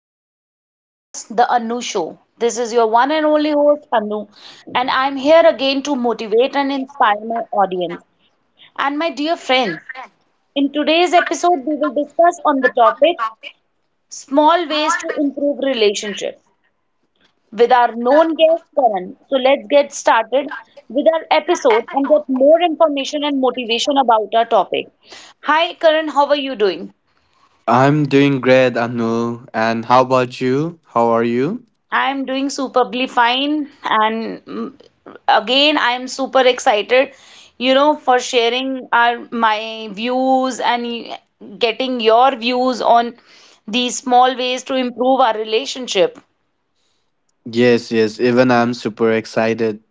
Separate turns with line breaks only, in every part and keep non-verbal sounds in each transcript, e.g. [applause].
welcome to my podcast, The Anu Show. This is your one and only host, Anu, and I'm here again to motivate and inspire my audience and my dear friends. In today's episode, we will discuss on the topic small ways to improve relationships with our known guest, Karan. So let's get started with our episode and get more information and motivation about our topic. Hi, Karan, how are you doing?
I'm doing great, Anu. And how about you? How are you?
I'm doing superbly fine, and again, I'm super excited, for sharing our my views and getting your views on these small ways to improve our relationship.
Yes, yes. Even I'm super excited.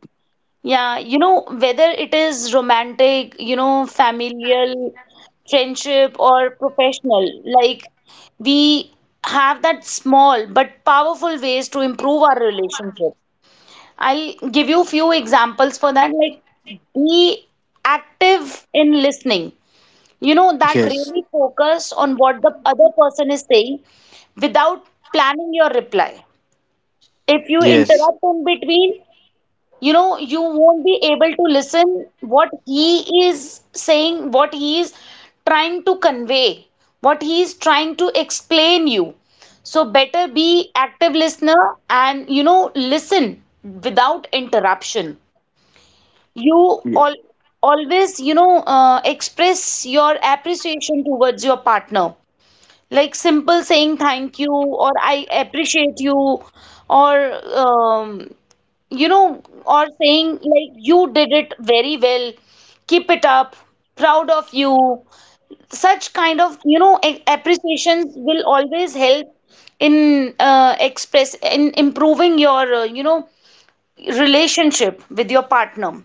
Yeah, you know, whether it is romantic, you know, familial, friendship, or professional, like we have that small but powerful ways to improve our relationship. I'll give you few examples for that. Like be active in listening. You know, that
Yes,
really focus on what the other person is saying without planning your reply. If you
yes,
interrupt in between, you know, you won't be able to listen what he is saying, what he is trying to convey, what he is trying to explain you. So better be active listener and you know listen without interruption. You
y-
all always, express your appreciation towards your partner. Like simple saying thank you or I appreciate you or you know or saying like you did it very well. Keep it up. Proud of you. Such kind of, you know, appreciations will always help in express in improving your, you know, relationship with your partner.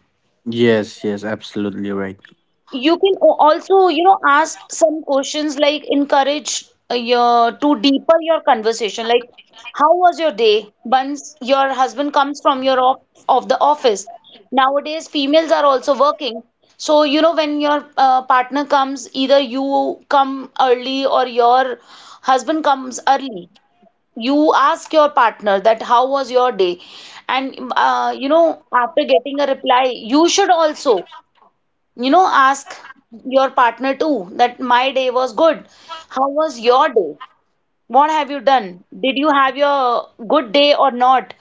yes, yes. Absolutely right.
You can also, you know, ask some questions like encourage your to deepen your conversation. Like, how was your day? Once your husband comes from your off of the office. Nowadays, females are also working. So, you know, when your partner comes, either you come early or your husband comes early. You ask your partner that how was your day? And you know, after getting a reply, you should also. You know, ask your partner too that my day was good. How was your day? What have you done? Did you have your good day or not?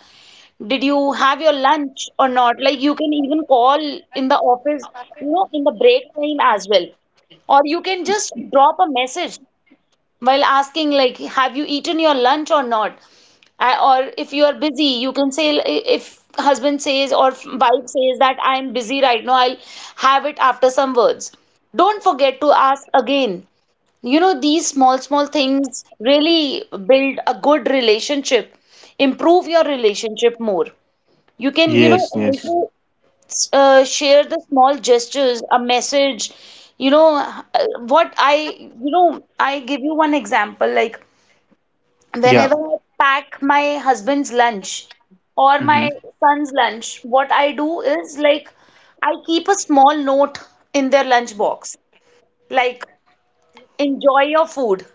Did you have your lunch or not? Like you can even call in the office, you know, in the break time as well. Or you can just drop a message while asking like have you eaten your lunch or not I, or if you are busy you can say if husband says or wife says that I am busy right now I'll have it after some words. Don't forget to ask again. You know these small small things really build a good relationship, improve your relationship more. You can you know
Yes, yes.
also share the small gestures, a message. You know, uh, what I give you one example. Like,
Yeah.
whenever I pack my husband's lunch or
Mm-hmm.
my son's lunch, what I do is like, I keep a small note in their lunch box, like, enjoy your food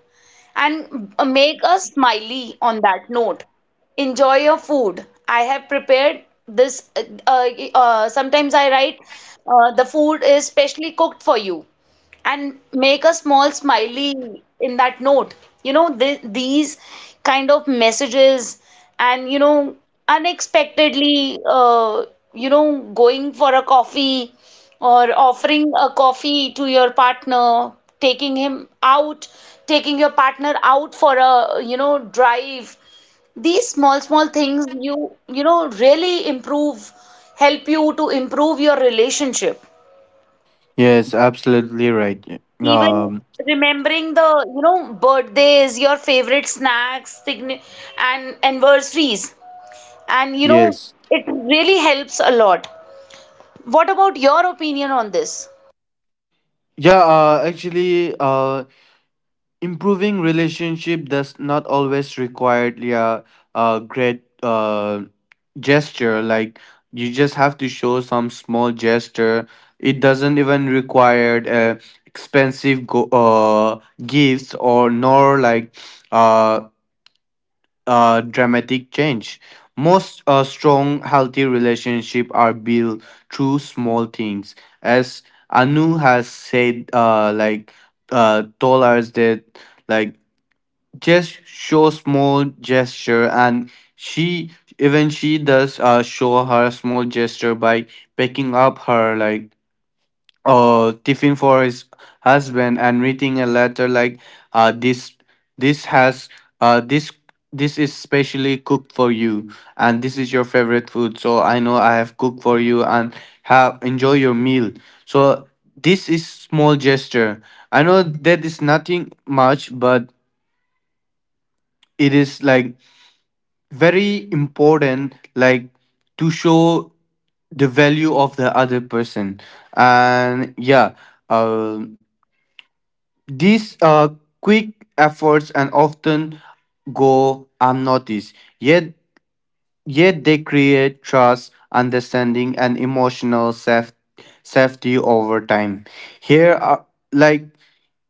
and make a smiley on that note. Enjoy your food. I have prepared this. Uh, sometimes I write, the food is specially cooked for you, and make a small smiley in that note. You know, these kind of messages, and you know, unexpectedly, you know, going for a coffee or offering a coffee to your partner, taking him out, taking your partner out for a, you know, drive. These small, small things you, you know, really improve, help you to improve your relationship.
Yes, absolutely right.
Even
Um.
remembering the, you know, birthdays, your favorite snacks, and anniversaries. And, you know,
Yes.
it really helps a lot. What about your opinion on this?
Yeah. Actually. Improving relationship does not always require, yeah, a great gesture. Like, you just have to show some small gesture. It doesn't even require expensive gifts, or nor like uh dramatic change. Most strong, healthy relationship are built through small things. As Anu has said, like told us that, like, just show small gesture. And she, even she does, show her small gesture by picking up her, like, tiffin for his husband, and reading a letter, like, this this has this this is specially cooked for you, and this is your favorite food, so I know I have cooked for you, and have enjoy your meal. So this is small gesture. I know that is nothing much, but it is, like, very important, like, to show the value of the other person. And yeah, um these quick efforts and often go unnoticed. yet Yet they create trust, understanding and emotional safety over time. Here are, like,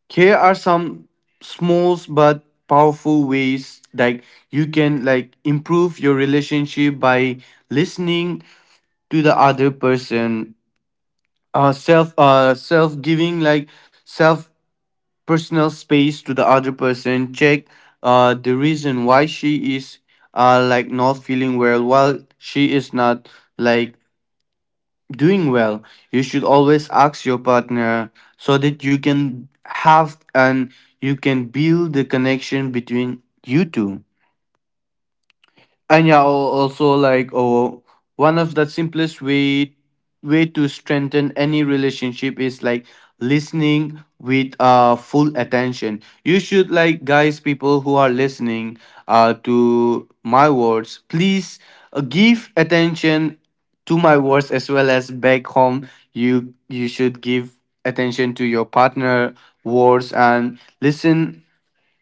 here are some small but powerful ways, like, you can, like, improve your relationship by listening to the other person. Self giving, like, self, personal space to the other person. Check the reason why she is, like, not feeling well, while she is not, like, doing well. You should always ask your partner, so that you can have, and you can build the connection between you two. And yeah, also, like, oh, one of the simplest way to strengthen any relationship is, like, listening with full attention. You should, like, guys, people who are listening to my words, please, give attention to my words, as well as back home. You should give attention to your partner words and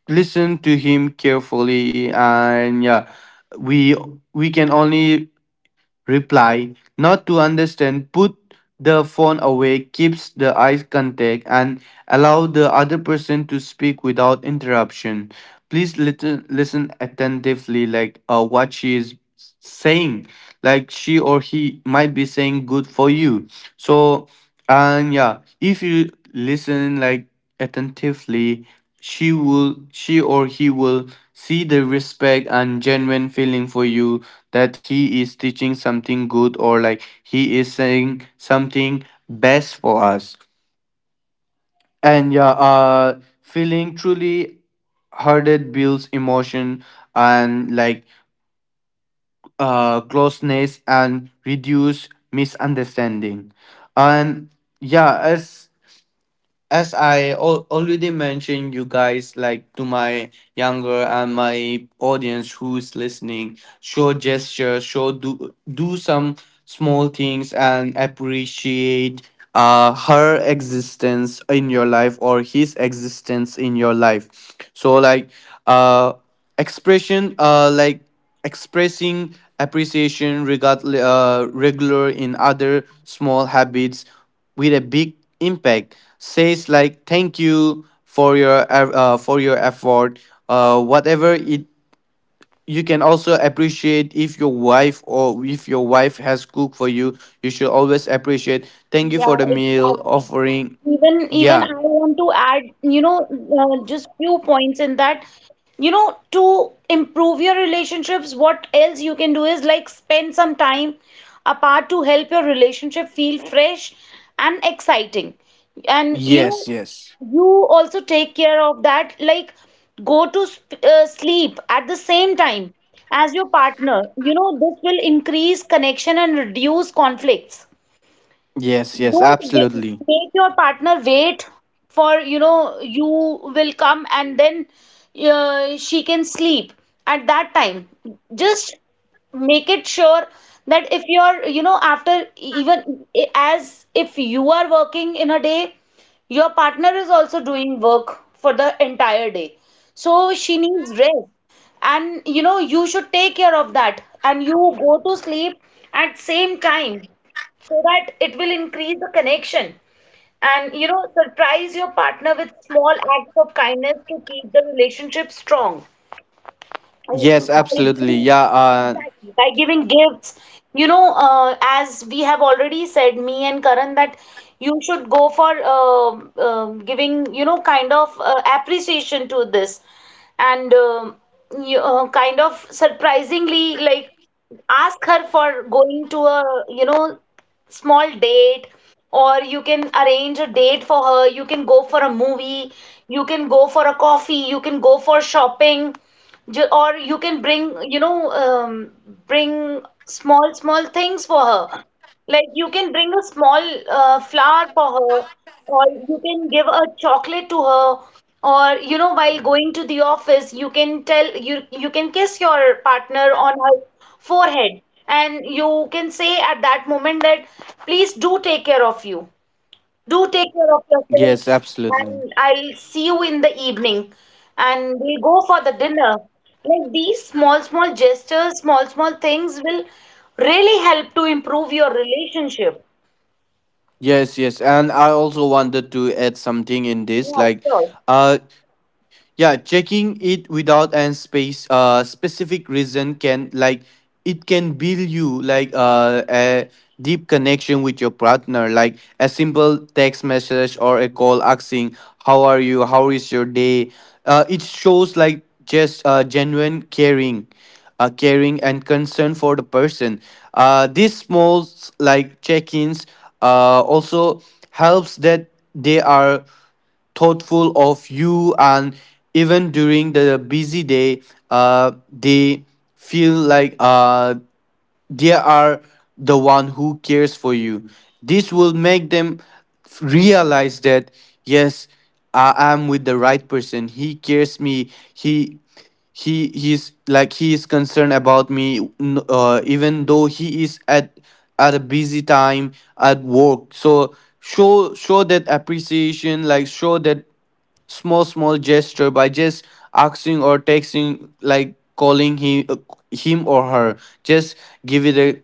listen to him carefully. And yeah, we we can only reply, not to understand. Put the phone away, keeps the eye contact, and allow the other person to speak without interruption. Please listen, listen attentively, like, what she is saying. Like, she or he might be saying good for you. So, and yeah, if you listen, like, attentively, she will, she or he will see the respect and genuine feeling for you, that he is teaching something good, or like he is saying something best for us. And yeah, feeling truly hearted builds emotion and, like, closeness and reduce misunderstanding. And yeah, as I already mentioned, you guys, like, to my younger and my audience who's listening, show gestures, show, do some small things and appreciate her existence in your life, or his existence in your life. So like, uh expression like expressing appreciation regard, regular in other small habits with a big impact. Says, like, thank you for your effort, whatever it. You can also appreciate, if your wife, or if your wife has cooked for you, you should always appreciate, thank you for
Yeah,
the meal
exactly.
offering.
Even
Yeah,
I want to add, you know, just few points in that. You know, to improve your relationships, what else you can do is like spend some time apart to help your relationship feel fresh and exciting. And you
yes,
know,
yes.
you also take care of that. Like go to sp sleep at the same time as your partner. You know, this will increase connection and reduce conflicts.
Yes, yes,
Don't wai-
absolutely.
Make your partner wait for, you know, you will come and then she can sleep at that time. Just make it sure that if you're, you know, after even as if you are working in a day, your partner is also doing work for the entire day. So she needs rest. And you know, you should take care of that. And you go to sleep at same time so that it will increase the connection, and you know, surprise your partner with small acts of kindness to keep the relationship strong
Yes, absolutely, yeah.
by giving gifts. You know as we have already said me and Karan that you should go for giving you know kind of appreciation to this. And you, kind of surprisingly like ask her for going to a you know small date, or you can arrange a date for her. You can go for a movie, you can go for a coffee, you can go for shopping. Or you can bring you know bring small small things for her. Like you can bring a small flower for her or you can give a chocolate to her. Or you know while going to the office you can tell you can kiss your partner on her forehead and you can say at that moment that please do take care of you, do take care of
Yes,
yourself,
absolutely.
and I'll see you in the evening, and we'll go for the dinner. Like these small, small gestures, small, small things will really help to improve your relationship.
Yes, yes, and I also wanted to add something in this,
Yeah,
like,
sure.
uh yeah, checking it without an space, specific reason, can, like, it can build you, like, a deep connection with your partner. Like a simple text message, or a call, asking how are you, how is your day. It shows, like, just, genuine caring, caring and concern for the person. These small, like, check-ins also helps that they are thoughtful of you, and even during the busy day, they feel like, they are the one who cares for you. This will make them realize that, yes, I am with the right person, he cares me, he he's like he is concerned about me, even though he is at a busy time at work. So show, show that appreciation. Like, show that small, small gesture by just asking, or texting, like, calling him, him or her. Just give it a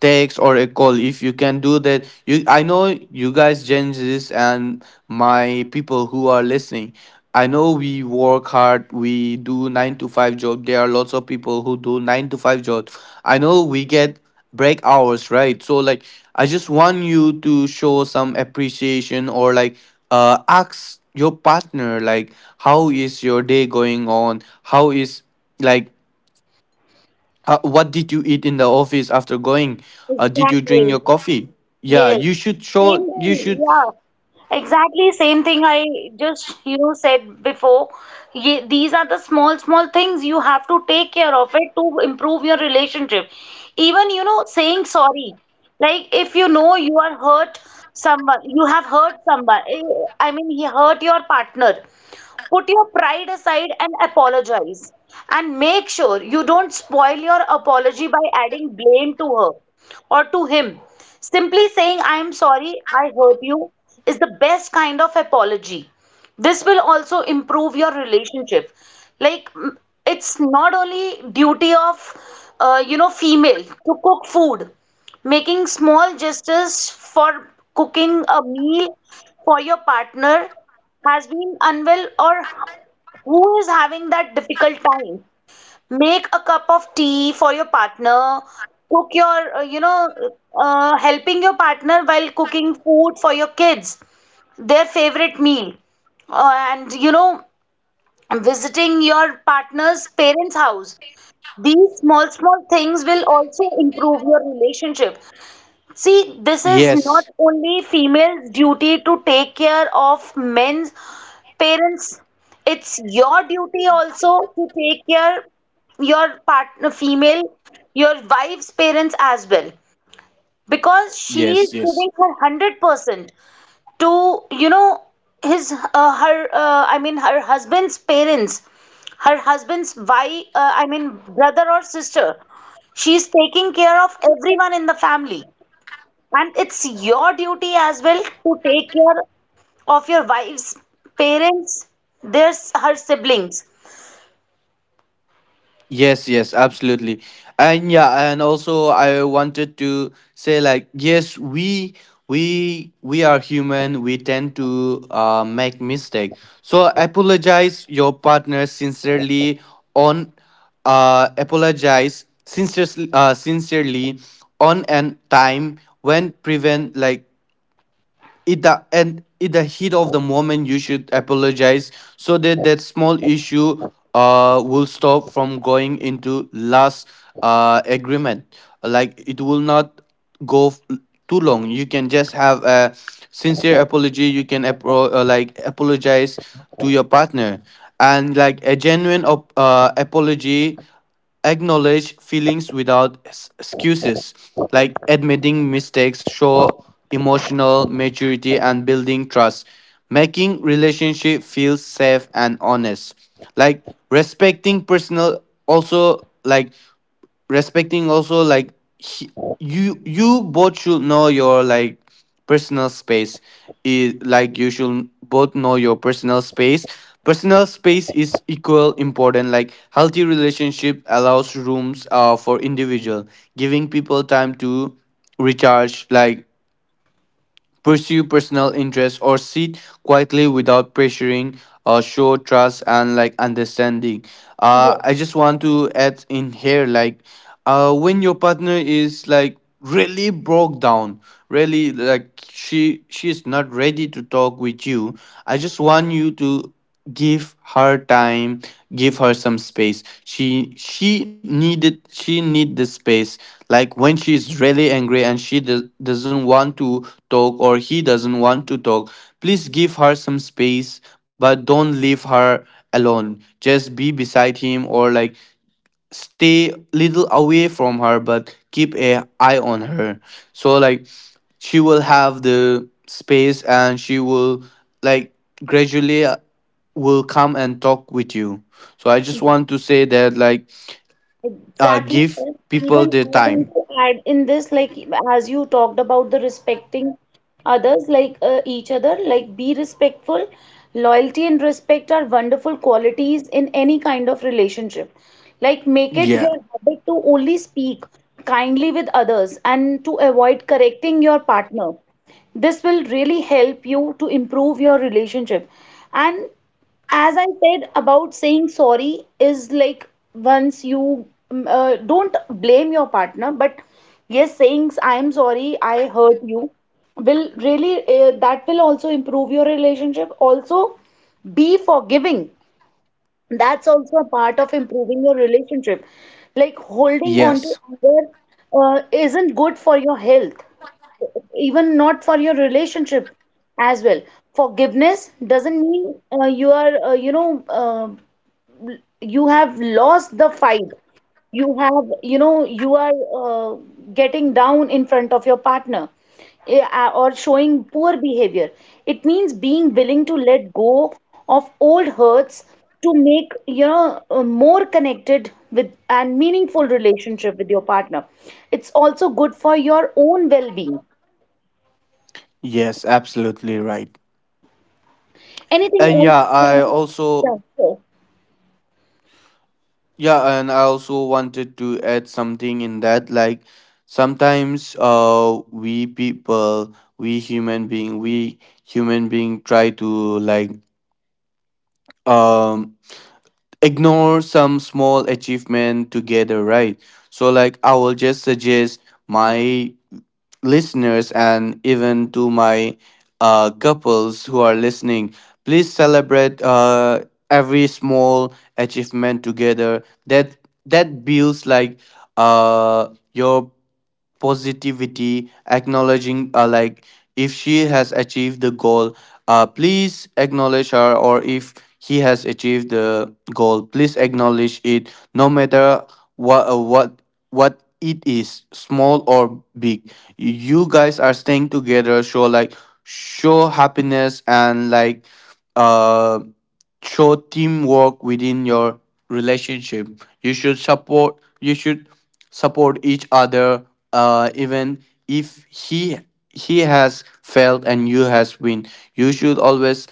text or a call, if you can do that. You, I know you guys, gen Zs and my people who are listening, I know we work hard, we do 9 to 5 job. There are lots of people who do 9 to 5 job. I know we get break hours, right? So like, I just want you to show some appreciation, or like, ask your partner, like, how is your day going on, how is, like, what did you eat in the office after going, did you drink
Exactly.
your coffee. Yeah,
Yes,
you should
same
show, you should.
thing. Yeah, exactly same thing I just you know said before. Ye these are the small small things you have to take care of it to improve your relationship. Even you know saying sorry. Like if you know you are hurt someone, you have hurt someone. I mean, he hurt your partner. Put your pride aside and apologize. And make sure you don't spoil your apology by adding blame to her or to him. Simply saying, I am sorry, I hurt you, is the best kind of apology. This will also improve your relationship. Like, it's not only duty of, you know, female to cook food. Making small gestures for cooking a meal for your partner has been unwell or who is having that difficult time. Make a cup of tea for your partner, cook your you know helping your partner while cooking food for your kids their favorite meal, and you know visiting your partner's parents house. These small small things will also improve your relationship. See this is
Yes,
not only females duty to take care of men's parents, it's your duty also to take care your partner, female, your wife's parents as well, because she is
yes. Yes.
giving her 100% to you know his her I mean her husband's parents, I mean brother or sister. She's taking care of everyone in the family, and it's your duty as well to take care of your wife's parents, her siblings.
Yes, yes, absolutely. And yeah, and also I wanted to say, like, yes, we, we are human, we tend to, make mistake. So apologize your partner sincerely on, apologize sincerely, sincerely on, and time when prevent, like, in the, and in the heat of the moment, you should apologize, so that that small issue will stop from going into last agreement. Like, it will not go too long. You can just have a sincere apology, you can apologize to your partner. And like a genuine apology. Acknowledge feelings without excuses, like admitting mistakes, show emotional maturity and building trust. Making relationship feel safe and honest, like, respecting personal, also like, respecting, also, like, he, you both should know your, like, personal space. Is, like, you should both know your personal space. Personal space is equal important, like, healthy relationship allows rooms for individual, giving people time to recharge, like, pursue personal interests, or sit quietly without pressuring. Show trust and, like, understanding.
Yes,
I just want to add in here, like, when your partner is, like, really broke down, really like, she is not ready to talk with you, I just want you to give her time, give her some space. She needed, she need the space. Like, when she is really angry and she doesn't want to talk, or he doesn't want to talk, please give her some space, but don't leave her alone. Just be beside him, or like, stay little away from her, but keep a eye on her. So like, she will have the space, and she will, like, gradually, will come and talk with you. So I just want to say that, like,
exactly.
give
Sir.
people
Even
their
I want
time.
to add in this, like as you talked about the respecting others, like each other, like be respectful. Loyalty and respect are wonderful qualities in any kind of relationship. Like make it
Yeah,
your habit to only speak kindly with others and to avoid correcting your partner. This will really help you to improve your relationship. And as I said about saying sorry is like once you don't blame your partner, but yes, saying I am sorry, I hurt you will really that will also improve your relationship. Also, be forgiving. That's also a part of improving your relationship. Like holding on to
yes,
anger isn't good for your health, even not for your relationship as well. Forgiveness doesn't mean you are you have lost the fight, you have you know you are uh, getting down in front of your partner, or showing poor behavior. It means being willing to let go of old hurts to make you know a more connected with and meaningful relationship with your partner. It's also good for your own well-being.
yes, absolutely right.
Anything
And
else
yeah,
you
I
want to?
also.
Yeah, sure.
Yeah, and I also wanted to add something in that. Like, sometimes, we people, we human being try to, like, um ignore some small achievement together, right? So like, I will just suggest my listeners, and even to my couples who are listening, please celebrate every small achievement together. That, that builds, like, your positivity, acknowledging, like, if she has achieved the goal, please acknowledge her, or if he has achieved the goal, please acknowledge it, no matter what uh, what what it is, small or big. You guys are staying together, show, like, show happiness and, like, uh show teamwork within your relationship. You should support, you should support each other. Even if he, he has failed and you has win, you should always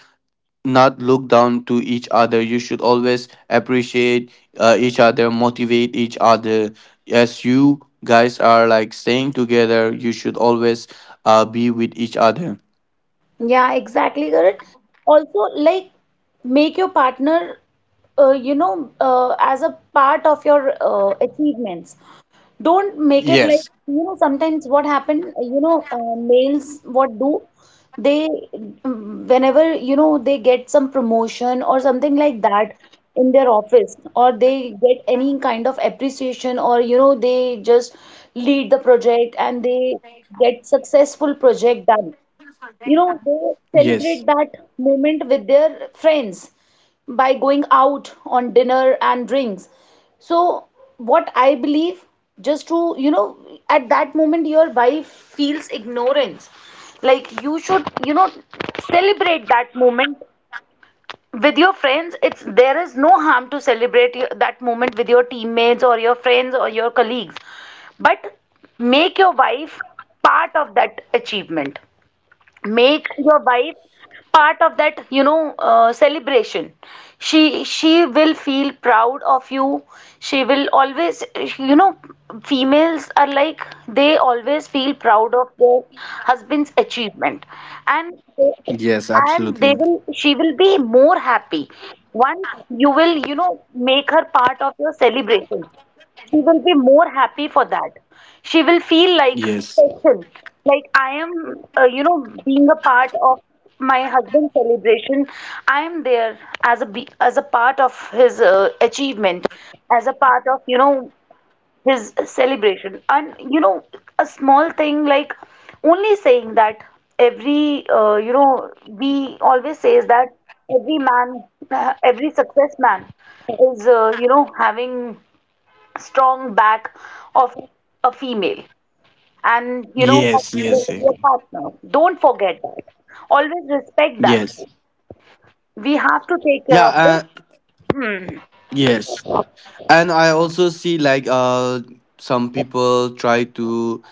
not look down to each other. You should always appreciate, each other, motivate each other. As you guys are, like, staying together, you should always, be with each other.
Yeah, exactly, Karan. Also, like, make your partner, as a part of your achievements. Don't make it like,
Yes,
you know, sometimes what happen, you know, males what do, they, whenever, you know, they get some promotion or something like that in their office, or they get any kind of appreciation, or, you know, they just lead the project and they get successful project done, you know, they
yes.
celebrate that moment with their friends by going out on dinner and drinks. So, what I believe, just to, at that moment, your wife feels ignorance. Like, you should, celebrate that moment with your friends. It's there is no harm to celebrate that moment with your teammates or your friends or your colleagues, but make your wife part of that achievement. Make your wife part of that celebration. She will feel proud of you. She will always, you know females are like, they always feel proud of their husband's achievement. and they,
Yes,
and
absolutely.
they will, she will be more happy once you will, make her part of your celebration. She will be more happy for that. She will feel like
Yes.
special, like I am, being a part of my husband's celebration. I am there as a part of his achievement, as a part of, his celebration, and you know a small thing like only saying that every we always says that every man, every success man is, having strong back of a female. And you know that
Yes,
female
yes,
is your partner, don't forget that. Always respect that.
yes.
We have to take care
Yeah,
of this.
uh,
hmm.
yes. And I also see, like, some people try to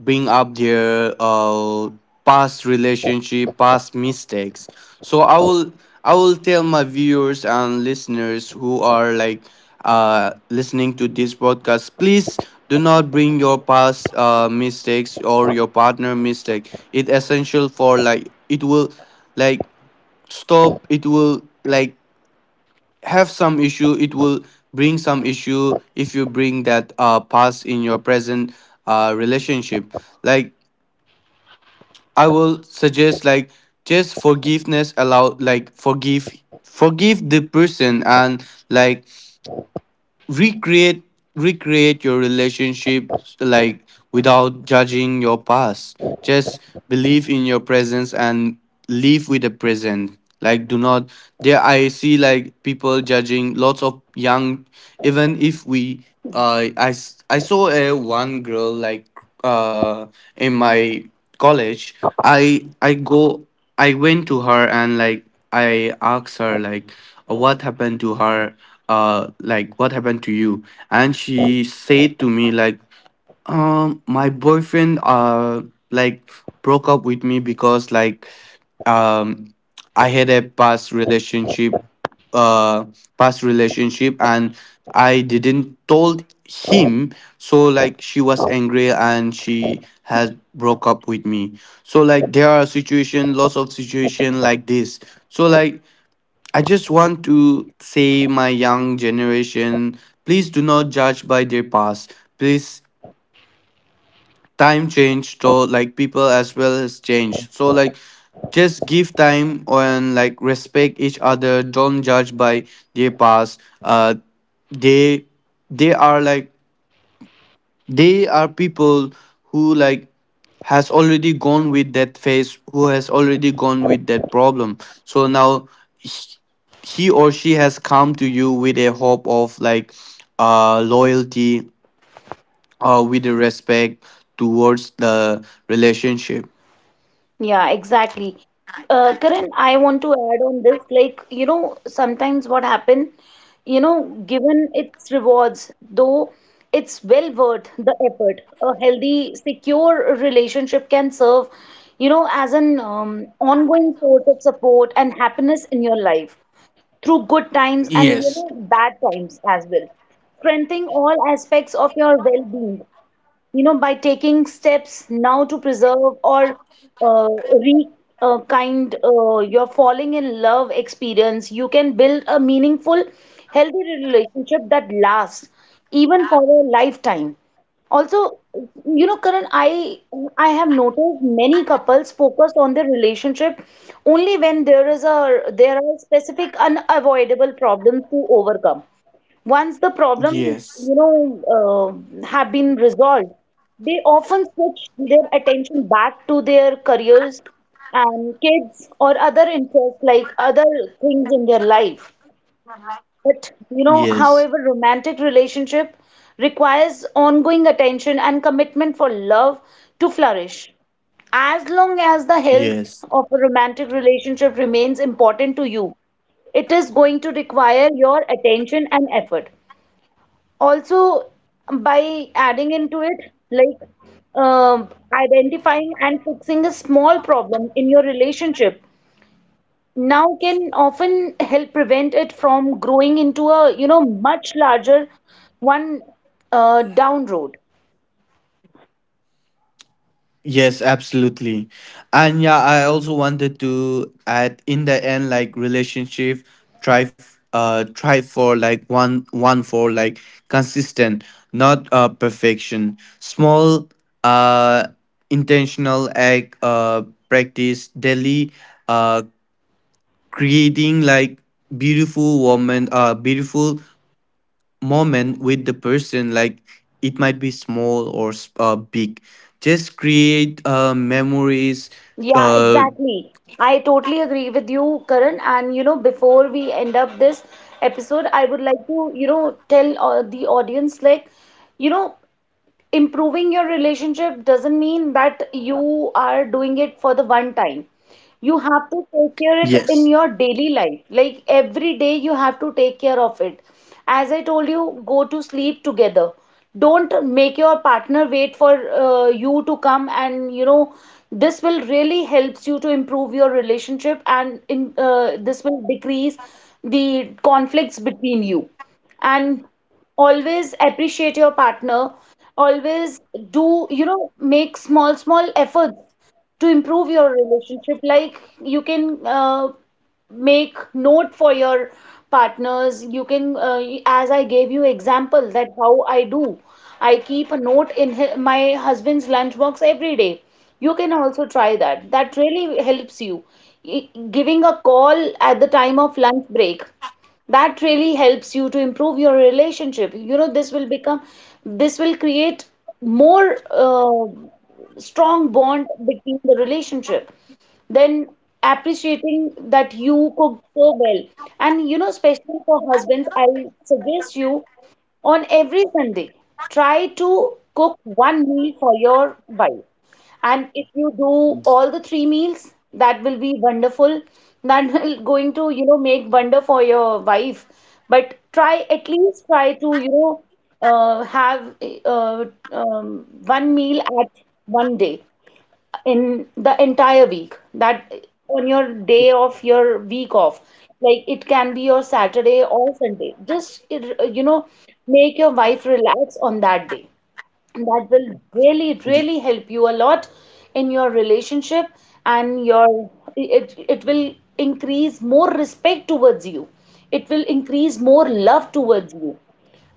bring up their past relationship, past mistakes. So I will, I will tell my viewers and listeners who are, like, listening to this podcast, please do not bring your past mistakes, or your partner mistake. It essential for, like, it will, like, stop, it will, like, have some issue, it will bring some issue, if you bring that past in your present relationship. Like, I will suggest, like, just forgiveness allow, like, forgive the person and, like, recreate recreate your relationships, like, without judging your past. Just believe in your presence and live with the present. Like, do not, there I see like people judging lots of young, even if we, I saw a one girl, like, uh, in my college. I I go I went to her, and, like, I asked her, like, "Oh, what happened to her, like, what happened to you?" And she said to me, like, my boyfriend, like, broke up with me, because, like, um I had a past relationship, uh past relationship, and I didn't told him. So like, she was angry, and she has broke up with me. So like, there are situation, lots of situation like this. So like, I just want to say my young generation, please do not judge by their past. Please, time changed, so like people as well has changed. So like, just give time, and like, respect each other. Don't judge by their past. They they are, like, they are people who, like, has already gone with that phase, who has already gone with that problem. So now, he he or she has come to you with a hope of, like, loyalty, or with respect towards the relationship.
Yeah, exactly. Karan, I want to add on this, like, you know, sometimes what happen, you know, given its rewards, though it's well worth the effort. A healthy secure relationship can serve, you know, as an ongoing source of support and happiness in your life through good times and, you know, bad times as well, strengthening all aspects of your well-being. You know, by taking steps now to preserve or uh, re kind your falling in love experience, you can build a meaningful, healthy relationship that lasts even for a lifetime. Also, you know, Karan, I have noticed many couples focus on their relationship only when there is a there are specific unavoidable problems to overcome. Once the problems,
Yes,
have been resolved, they often switch their attention back to their careers and kids or other interests, like other things in their life. But, you know,
yes,
however, romantic relationship requires ongoing attention and commitment for love to flourish. As long as the
yes,
health of a romantic relationship remains important to you, it is going to require your attention and effort. Also, by adding into it, like identifying and fixing a small problem in your relationship now can often help prevent it from growing into a, you know, much larger one, down road.
yes, absolutely. And yeah, I also wanted to add in the end, like, relationship, try, try for like one, one for like consistent, not perfection. Small, uh, intentional act, practice daily, uh, creating, like, beautiful moment with the person. Like, it might be small, or big, just create, memories.
Yeah,
uh,
exactly. I totally agree with you, Karan. And you know, before we end up this episode, I would like to, you know, tell the audience, like, you know, improving your relationship doesn't mean that you are doing it for the one time. You have to take care it in
yes.
your daily life. Like every day you have to take care of it. As I told you, go to sleep together. Don't make your partner wait for you to come, and you know this will really helps you to improve your relationship, and in this will decrease the conflicts between you. And always appreciate your partner. Always do, you know, make small small efforts to improve your relationship. Like you can, make note for your partners. You can, as I gave you example, that how I do, I keep a note in my husband's lunchbox every day. You can also try that, that really helps you. Giving a call at the time of lunch break, that really helps you to improve your relationship. You know, this will become, this will create more, strong bond between the relationship. Then appreciating that you cook so well. And you know, especially for husbands, I suggest you on every Sunday, try to cook one meal for your wife. And if you do all the three meals, that will be wonderful. [laughs] That will going to, you know, make wonder for your wife. But try, at least try to, you know, have uh, one meal at one day in the entire week, that on your day off, your week off, like it can be your Saturday or Sunday. Just, you know, make your wife relax on that day, and that will really
Y-
really help you a lot in your relationship. And your, it will increase more respect towards you, it will increase more love towards you.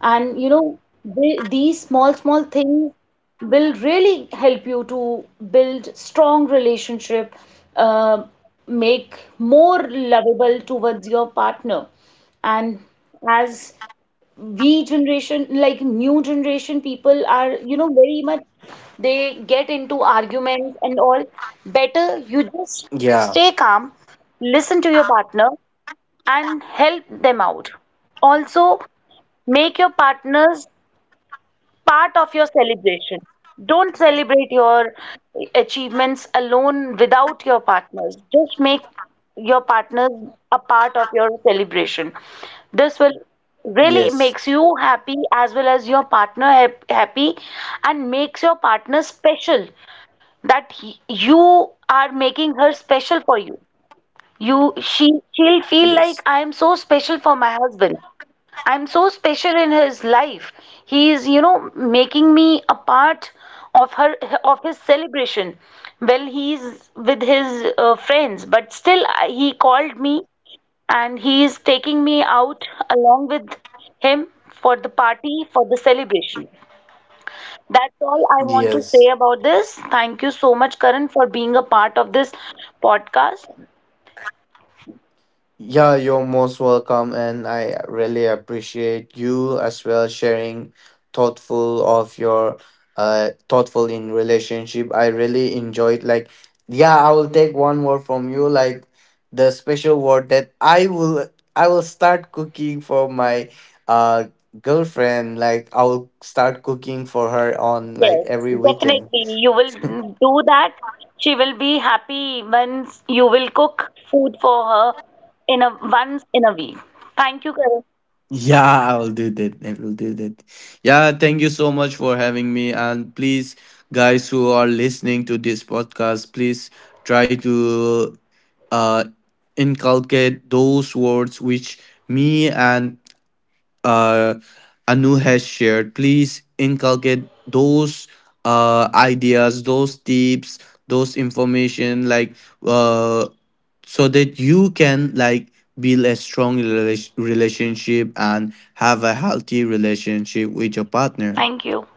And you know the, these small small things will really help you to build strong relationship, uh, make more lovable towards your partner. And as we generation, like new generation people are, you know, very much, they get into arguments and all. Better you just
yeah,
stay calm, listen to your partner and help them out. Also, make your partners part of your celebration. Don't celebrate your achievements alone without your partners. Just make your partners a part of your celebration. This will really
yes,
makes you happy, as well as your partner happy, and makes your partner special. That he, you are making her special for you. She'll feel like
yes,
I am so special for my husband. I'm so special in his life. He is, you know, making me a part of her, of his celebration. Well, he's with his friends, but still he called me, and he is taking me out along with him for the party, for the celebration. That's all I want to
yes.
say about this. Thank you so much, Karan, for being a part of this podcast.
Yeah, you're most welcome, and I really appreciate you as well, sharing thoughtful of your thoughtful in relationship. I really enjoyed, like, yeah, I will take one word from you, like, the special word, that I will, I will start cooking for my uh girlfriend. Like, I will start cooking for her on, like,
Yes,
every weekend.
definitely. You will do that. She will be happy once you will cook food for her in a once in a week. Thank you, Karan.
Yeah, I will do that. I will do that. Yeah, thank you so much for having me. And please, guys who are listening to this podcast, please try to, uh, inculcate those words which me and, uh, Anu has shared. Please inculcate those ideas, those tips, those information, like, uh, so that you can, like, build a strong relationship, and have a healthy relationship with your partner.
Thank you.